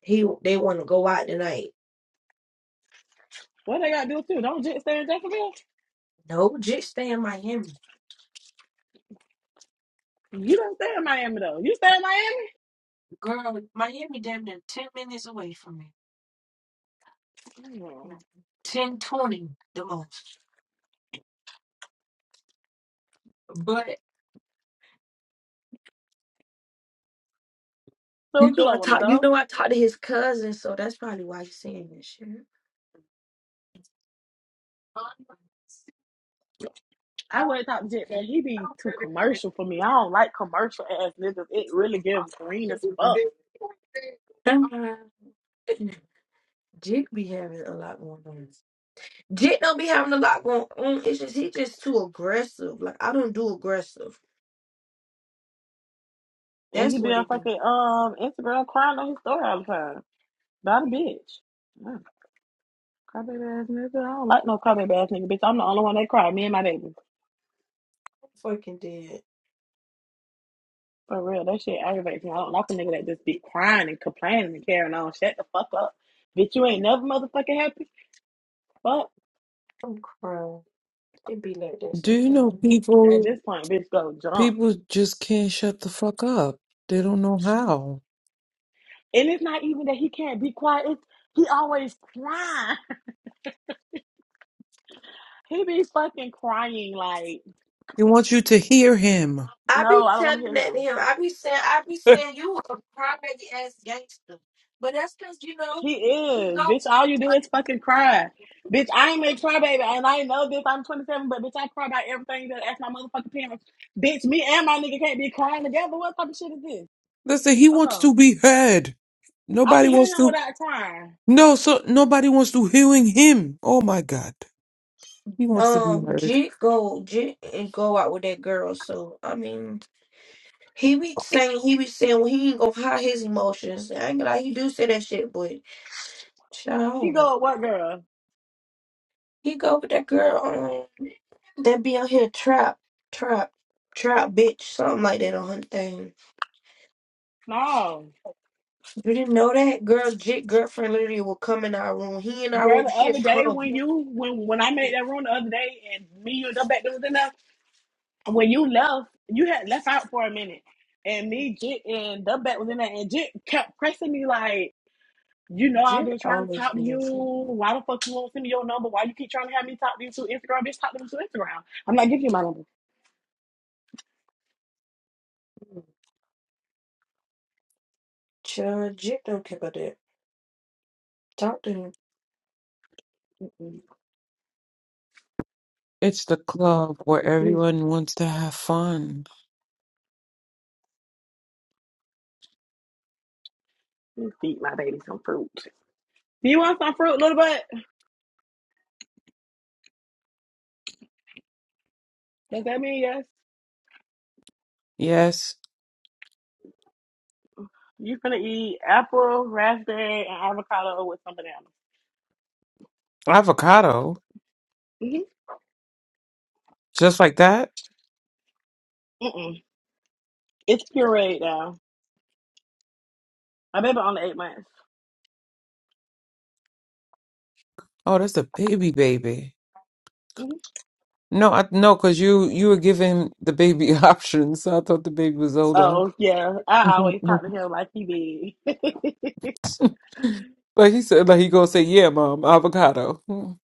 He they want to go out tonight. What they got to do too? Don't just stay in Jacksonville. No, just stay in Miami. You don't stay in Miami though. You stay in Miami. Girl, Miami damn near 10 minutes away from me. Hmm. 10, 20, the most. But So you what you know I don't want to talk you go? know I talked to his cousin, so that's probably why you seeing this shit. I would talk Jet that he be too commercial for me. I don't like commercial ass niggas. It really gives green as fuck. [laughs] Sometimes Jake be having a lot going on. Jake don't be having a lot going on. It's just he just too aggressive. Like I don't do aggressive. And he That's be what on it be. fucking um Instagram crying on his story all the time. About a bitch. Yeah, Crybaby ass nigga. I don't like no crybaby ass nigga, bitch. I'm the only one that cry, me and my baby. Fucking dead. For real. That shit aggravates me. I don't like a nigga that just be crying and complaining and carrying on. Shut the fuck up. Bitch, you ain't Mm, never motherfucking happy. Fuck. I'm crying. It be like that Do you know sometimes. At people? this point, bitch go jump. People just can't shut the fuck up. They don't know how. And it's not even that he can't be quiet, it's he always crying. He be fucking crying like, He wants you to hear him. I be no, I don't want to telling hear that to him. him. I be saying, I be [laughs] saying, you a crazy ass gangster. But that's because you know He he is. go. Bitch, all you do is fucking cry. Bitch, I ain't a crybaby, and I know this. I'm 27, but bitch, I cry about everything that ask my motherfucking parents. Bitch, me and my nigga can't be crying together. What type of shit is this? Listen, he Fuck wants off. to be heard. I can Nobody hear wants him to without crying. no, so nobody wants to hearing him. Oh my God. He wants to be Um, heard. G go, G and go out with that girl. So I mean, he be saying, he be saying, well, he ain't gonna hide his emotions. I ain't gonna lie, he do say that shit, but shit, I He don't know. go, what girl? He go with that girl um, that be out here trap, trap, trap, bitch, something like that on her thing. No. You didn't know that girl? Jit girlfriend literally will come in our room. He in our Girl, room, the she'll other day come. when you when when I made that room the other day and me and the back there was in there, when you left, you had left out for a minute. And me, Jit, and Dubbat was in there, and Jit kept pressing me like, you know, I've Jit been trying to always talk to do you. that shit. Why the fuck you won't send me your number? Why you keep trying to have me talk to you to Instagram? Bitch, talk to me to Instagram. I'm like, give you my number. Chill, Jit don't care about that. Talk to him. Mm-mm. It's the club where Refuse to everyone wants to have fun. feed my baby some fruit. Do you want some fruit, little butt? Does that mean yes? Yes. You gonna eat apple, raspberry, and avocado with some bananas. Avocado. Mm-hmm. Just like that? Mm-mm. It's pureed now. My baby only eight months. Oh, that's a baby baby. No, I no, because you you were giving the baby [laughs] options. So I thought the baby was older. Oh yeah, [laughs] I always talk to but him like he big. [laughs] he said like he gonna say, Yeah, mom, avocado. [laughs]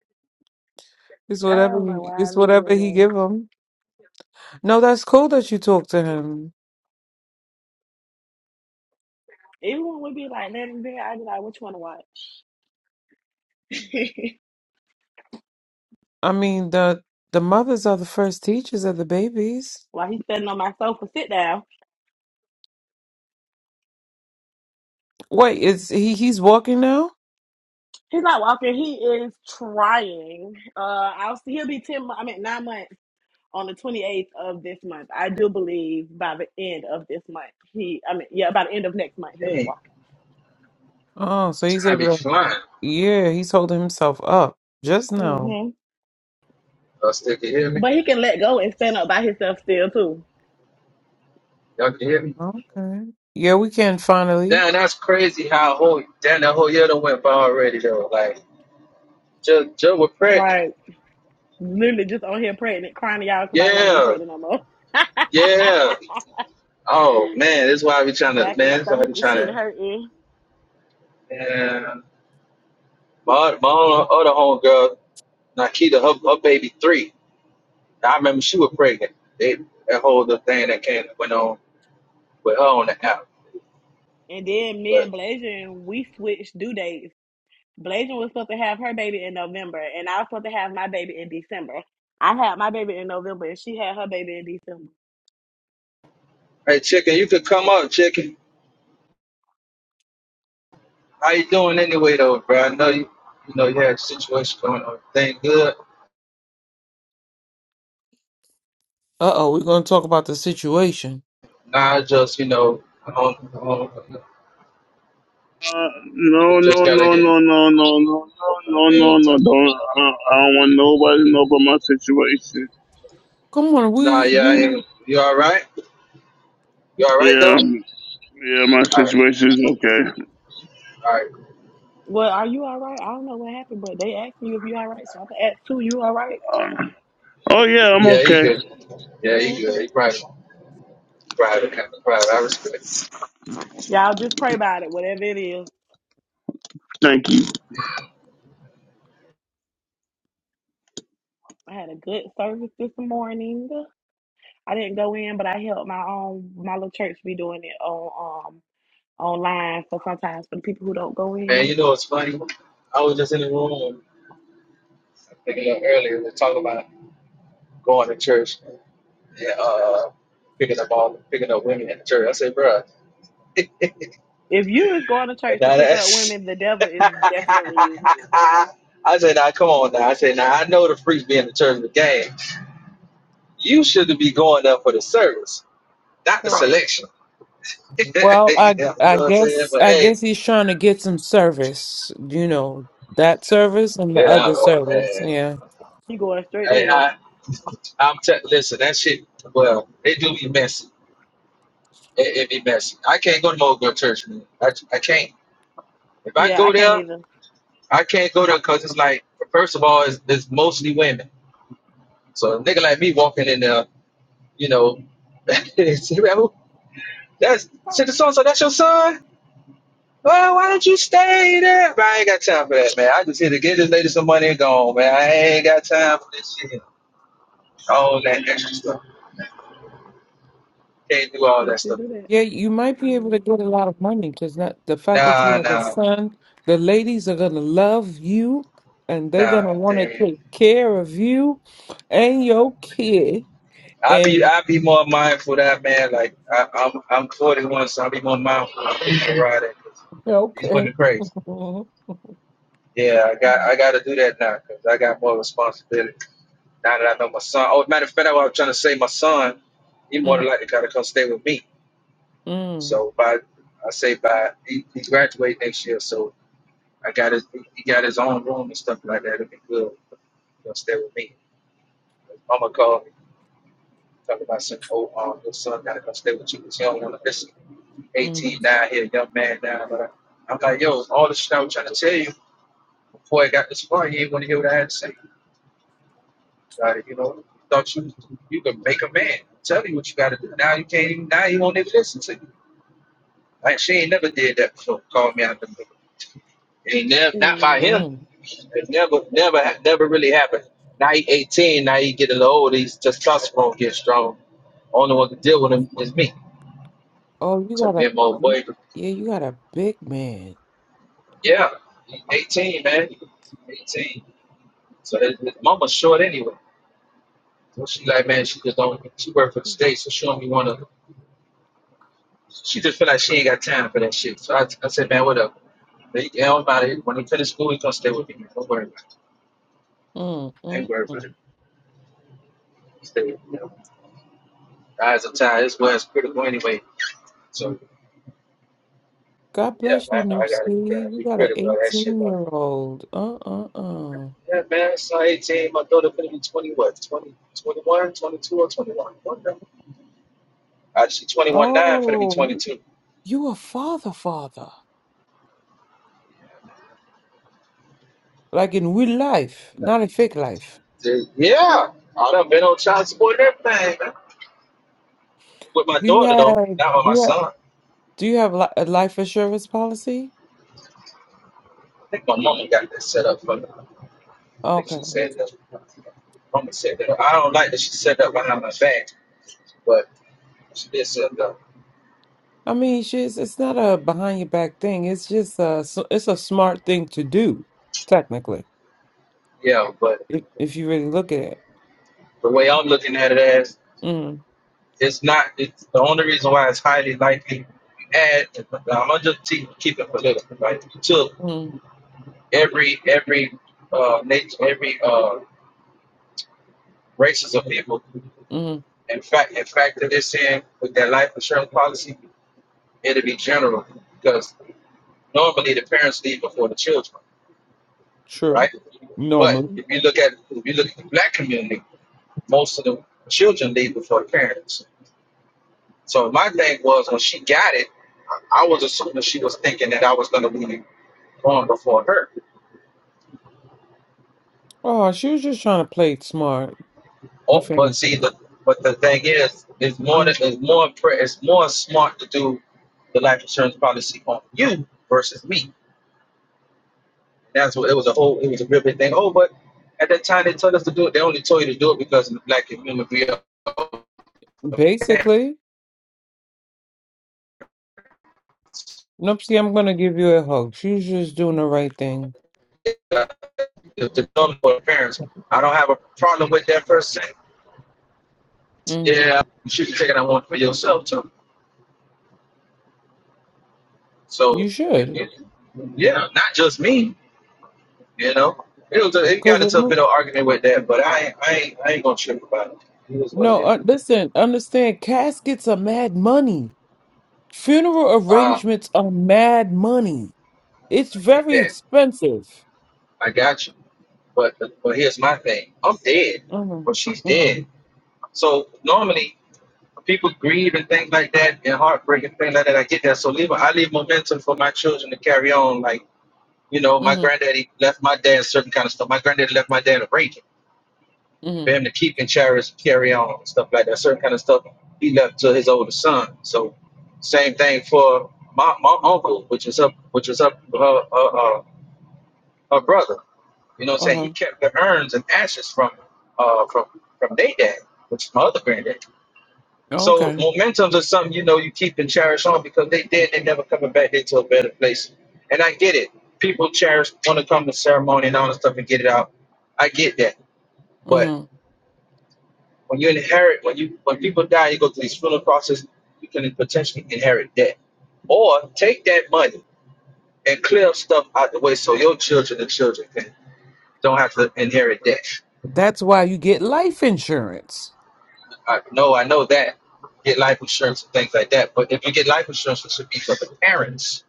Hmm. It's I whatever don't know he why I it's be whatever doing he that. give him. No, that's cool that you talk to him. Everyone would be like, "Let him be." I be like, "What you want to watch?" [laughs] I mean, the the mothers are the first teachers of the babies. While he's sitting on my sofa, sit down. Wait, is he he's walking now? He's not walking. He is trying. Uh, I'll see. He'll be ten. mo- I mean, nine months on the twenty eighth of this month. I do believe by the end of this month, he. I mean, yeah, by the end of next month, he'll be Dang, walking. Oh, so he's I be able to flying. Yeah, he's holding himself up just now. hmm Y'all still can hear me? But he can let go and stand up by himself still too. Y'all can hear me? Okay. Yeah, we can finally. Damn, that's crazy how whole damn that whole year done went by already though. Like just just was pregnant. Right. Literally just on here pregnant, crying to y'all because I didn't want to be Yeah, pregnant no more. yeah. [laughs] Oh man, that's why I be trying to, Back and man. That's why I stomach be and trying shit to. hurting. Yeah. My, my other homegirl, Nikita, her, her baby three. I remember she was pregnant. They, that whole little thing that came went on with her on the app. And then me But and Blazion, we switched due dates. Blazion was supposed to have her baby in November, and I was supposed to have my baby in December. I had my baby in November, and she had her baby in December. hey, chicken, you could come up, chicken. How you doing anyway, though, bro? I know you, you know, you had a situation going on. Thing good. Uh-oh, we're going to talk about the situation. Nah, I just you know, on, on, Uh, no, you no, just gotta no, get. no, no, uh, no, no, no, no, We no, ain't no. talking. Don't. I, I don't want nobody to know about Come on, Nah, we, yeah, I we ain't. You all right? You all right though? my situation. Yeah, yeah, my All right, situation's okay. all right. Well, are you all right? I don't know what happened, but they asked you if you all right, so I'm gonna ask too. You all right? Uh, oh yeah, I'm Yeah, he okay. good. Yeah, he Oh, good. He okay. private, private kind of private. I respect. Y'all just pray about it, whatever it is. Thank you. I had a good service this morning. I didn't go in, but I helped my own my little church be doing it on um online. So sometimes for the people who don't go Man, you in, know what's funny? I was just in the room picking up earlier. They talking about going to church and uh, picking up all picking up women at the church. I said, bruh, if you is going to [laughs] now church to pick up that's. women, the devil [laughs] is definitely using you. I said, now come on now. I said, now I know the freaks be in the church of the game. You should be going up for the service, not the Correct. selection. [laughs] yeah, Well, I you I know what I'm saying? guess But I hey, guess he's trying to get some service, you know, that service and the yeah, other service. man. Yeah. He going straight to Hey, hell. I, I'm t- listen. That shit. Well, they do be messy. It, it be messy. I can't go to no good church, man. I, I can't. If I Yeah, I go can't there, either. I can't go there because it's like, first of all, it's, it's mostly women. So a nigga like me walking in there, you know, [laughs] see, man, that's said the so so. That's your son. Well, why don't you stay there? But I ain't got time for that, man. I just here to get this lady some money and go on, man. I ain't got time for this shit. All that extra stuff. Can't do all Don't that you stuff. do that? Yeah, you might be able to get Um, a lot of money because that the fact that you Nah, have a nah, son, the ladies are gonna love you and they're nah. gonna wanna Damn. take care of you and your kid. I be And I be more mindful of that man. Like I, I'm I'm 41, so I be more mindful of people riding. 'cause These okay. women crazy. Mhm. Yeah, I got I got to do that now because I got more responsibility now that I know my son. Oh, matter of fact, I was trying to say my son. He more than Mm, likely got to come stay with me. mm, So by I say by he, he graduate next year, so I got his he got his own room and stuff like that. it will be good. He'll stay with me. Mama called me. Talk about some, old, um, your son gotta come stay with you because he don't want to listen. mm, 18 down here, young man down. But I, I'm like, yo, all the shit I was trying to tell you before I got this far, you ain't want to hear what I had to say. Like, you know, thought you you could make a man tell you what you got to do. Now you can't even, now he won't even listen to you. Like, she ain't never did that before. Called me out the middle. Ain't never, not by mm. him. mm. It never, never, ha- never really happened. Now he 18, now he get a little older, he's testosterone get strong. Only one can deal with him is me. Oh, you So got a him old you, boy, yeah, you got a big man. yeah, he 18, man, 18. So his, his mama's short anyway. So she like, man, she just don't. She work for the state, so she don't be wanna. She just feel like she ain't got time for that shit. So I, I said, man, whatever. They don't matter. When he finish school, he gonna stay with me. Don't worry about it. Mm, I ain't mm, worried mm. about it. Stay. with me. Eyes are tired. This was critical anyway. So God yeah, bless you, I, I gotta uh, Nipsey. You be got an critical of that shit. 18 Bro. year old. Uh uh uh. Yeah, man, so 18. My daughter gonna be 20, what? Twenty, twenty one, twenty two, or 21, One or 21. Actually, 21 9 for to be Oh, you, 22. you a father, father. Like in real life, not a fake life. Yeah, I done been on child support and everything, man. With my Do you daughter, have though, not with do my you have, son. do you have li a life insurance policy? I think my mama got that set up for me. I think Okay. she said that. Mama said that. I don't like that she said that behind my back, but she did say that. I mean, she's it's not a behind your back thing. It's just a s- it's a smart thing to do, technically, Yeah, but if if you really look at it. the way I'm looking at it as, Mm it's not, it's the only reason why it's highly likely. you Add, I'm gonna just keep keep it political, right? You took mm every, every, uh, nature, every, uh, races of people. mm. In fact, in fact, that they're saying with their life insurance policy, it'll be general because normally the parents leave before the children, True. right? But Normally. if you look at if you look at the black community, most of the children leave before the parents. So my thing was when she got it, I I was assuming she was thinking that I was going to be born before her. Oh, she was just trying to play it smart, Oh, if but anything. see, the but the thing is, it's more that Mm, it's more pre- it's more smart to do the life insurance policy on you versus me. That's what it was a whole it was a real big thing. Oh, but at that time they told us to do it. They only told you to do it because of the black community. Basically, Nupsy, I'm gonna give you a hug. She's just doing the right thing. The the norm for parents. I don't have a problem with that per se. hmm Yeah, you should be taking that one for yourself too. You So should, yeah, not just me. You know, it was a, it cause got into a remember, bit of argument with that, but I ain't- I ain't, I ain't gonna trip about it. He was one no, day. uh, listen, understand. Caskets are mad money. Funeral Ah, arrangements are mad money. It's I get very that. expensive. I got you. But but here's my thing. I'm dead, hmm but she's dead. So normally people grieve and things like that, and heartbreak and things like that. I get that. So leave I leave momentum for my children to carry on. Like you know, my Mm-hmm. granddaddy left my dad certain kind of stuff. My granddaddy left my dad a rake. hmm for him to keep and cherish, carry on, and stuff like that. Certain kind of stuff he left to his older son. So same thing for my, my uncle, which is up, which is up her, uh, uh, her brother. You know, what I'm saying he Uh-huh. kept the urns and ashes from uh, from from their dad, which is my other granddad. So Okay. momentums are something you know you keep and cherish on because they did. They never coming back into a better place. And I get it. People cherish want to come to ceremony and all that stuff and get it out. I get that. but. hmm When you inherit, when you when people die, you go through these funeral process. You can potentially inherit debt, or take that money and clear stuff out the way so your children and children can don't have to inherit debt. That's why you get life insurance. I know, I know that. Get life insurance and things like that. But if you get life insurance, it should be for the parents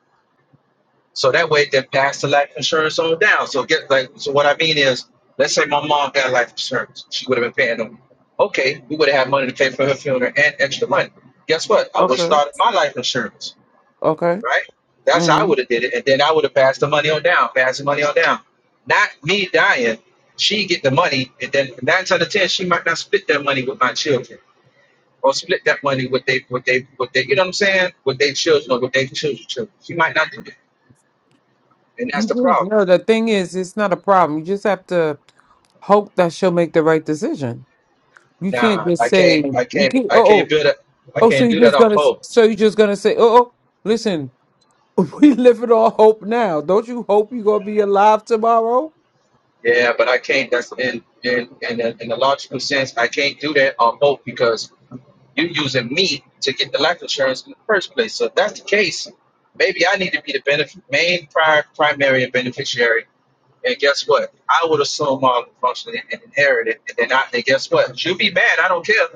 So that way they pass the life insurance on down. So get like so what I mean is let's say my mom got life insurance. She would have been paying them. Okay, we would have had money to pay for her funeral and extra money. Guess what? I would have Okay. started my life insurance, Okay. right? That's how I hmm would have did it. And then I would have passed the money on down, passed the money on down. Not me dying. She get the money and then nine out of ten she might not split that money with my children. Or split that money with they with they with they you know what I'm saying? With their children or with their children children. She might not do it. And that's You the really, problem. no, the thing is, it's not a problem. You just have to. hope that she'll make the right decision. You can't Nah, just I say can't. I you can't. can't. I Oh, can't oh, do that. I oh. So can't you do that just off gonna. hope. So you just gonna say, oh, oh listen, [laughs] we live it all hope now. Don't you hope you're gonna be alive tomorrow? Yeah, but I can't. That's in in in the, in the logical sense. I can't do that off hope because you're using me to get the life insurance in the first place. So if that's the case, maybe I need to be the benefit main pri primary beneficiary. And guess what? I would assume all the function and and inherit it. And then I, and guess what? You be mad. I don't care.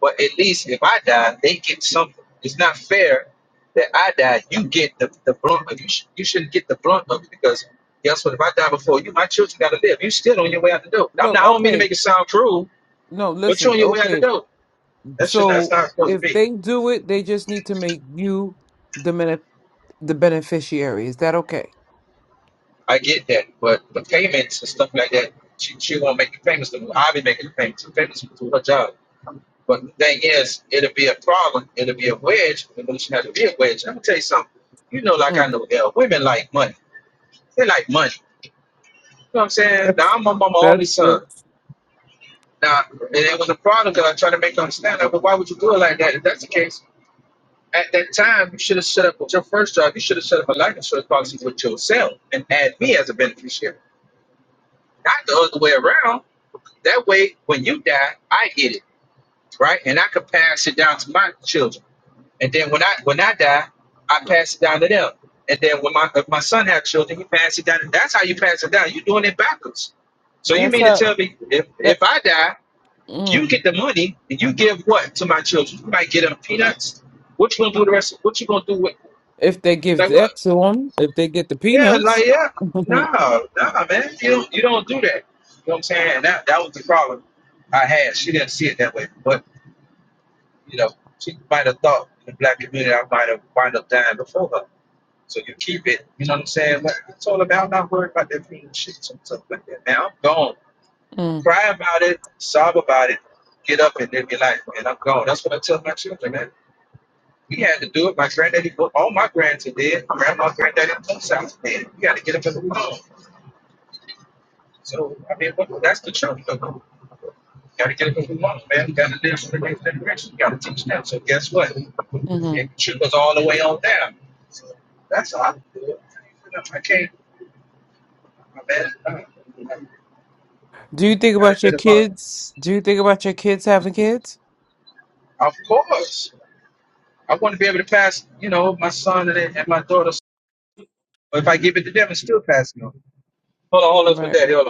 But at least if I die, they get something. It's not fair that I die, you get the, the blunt of it. You, sh- you shouldn't get the blunt of it because guess what? If I die before you, my children got to live. you still on your way out the door. I'm Look, not, I don't mean to okay, make it sound cruel, no, but you're listen, on your way out the okay. door. That should not, that's So not how it's supposed to if be. they do it, they just need to make you the benef- the beneficiary. Is that okay? I get that, but the payments and stuff like that, she, she won't make the payments. to me. I'll be making the payments. The payments to her job. But the thing is, it'll be a problem. It'll be a wedge. Evolution has to be a wedge. I'm going to tell you something. You know, like I Mm. know, L, women like money. They like money. You know what I'm [laughs] saying? Now That's I'm, I'm, my only that's true. son. Now, and it was a problem because I tried to make her understand that, but why would you do it like that? If that's the case, at that time, you should have set up with your first job, you should have set up a life insurance policy with yourself and add me as a beneficiary, not the other way around. That way, when you die, I get it, right? And I could pass it down to my children. And then when I when I die, I pass it down to them. And then when my if my son have children, he pass it down. That's how you pass it down. You're doing it backwards. So you That's mean to how. tell me if that. if I die, you get Mm. the money and you give what to my children? You might get them peanuts. What you gonna do the rest? Of, what you gonna do with If they give like what? that to them, if they get the Yeah, peanuts. like yeah, [laughs] mm No, no, man. You don't you don't do that. You know what I'm saying? And that that was the problem I had. She didn't see it that way, but you know she might have thought in the black community I might have wound up dying before her. So you keep it, you know what I'm saying? Like, it's all about not worrying about that mean shit and stuff like that. Man, I'm gone. Cry about it, sob about it, get up and live your life, man. I'm gone. That's what I tell my children, man. We had to do it. My granddaddy, well, all my grands are dead. My grandma, granddaddy, both sides are dead. You got to get up and move on. So, I mean, what- that's the truth. though. You got to get up and move on, man. You got to live for the next generation. You got to teach them. So, guess what? mhm. It goes all the way on down. So, that's how I do it. You know, I can't. My bad. Do you think Had a about your bit of fun. kids? Do you think about your kids having kids? Of course. I want to be able to pass, you know, my son and, and my daughter. If I give it to them, it's still passing on. Hold on, hold on, with Right. that. hold on.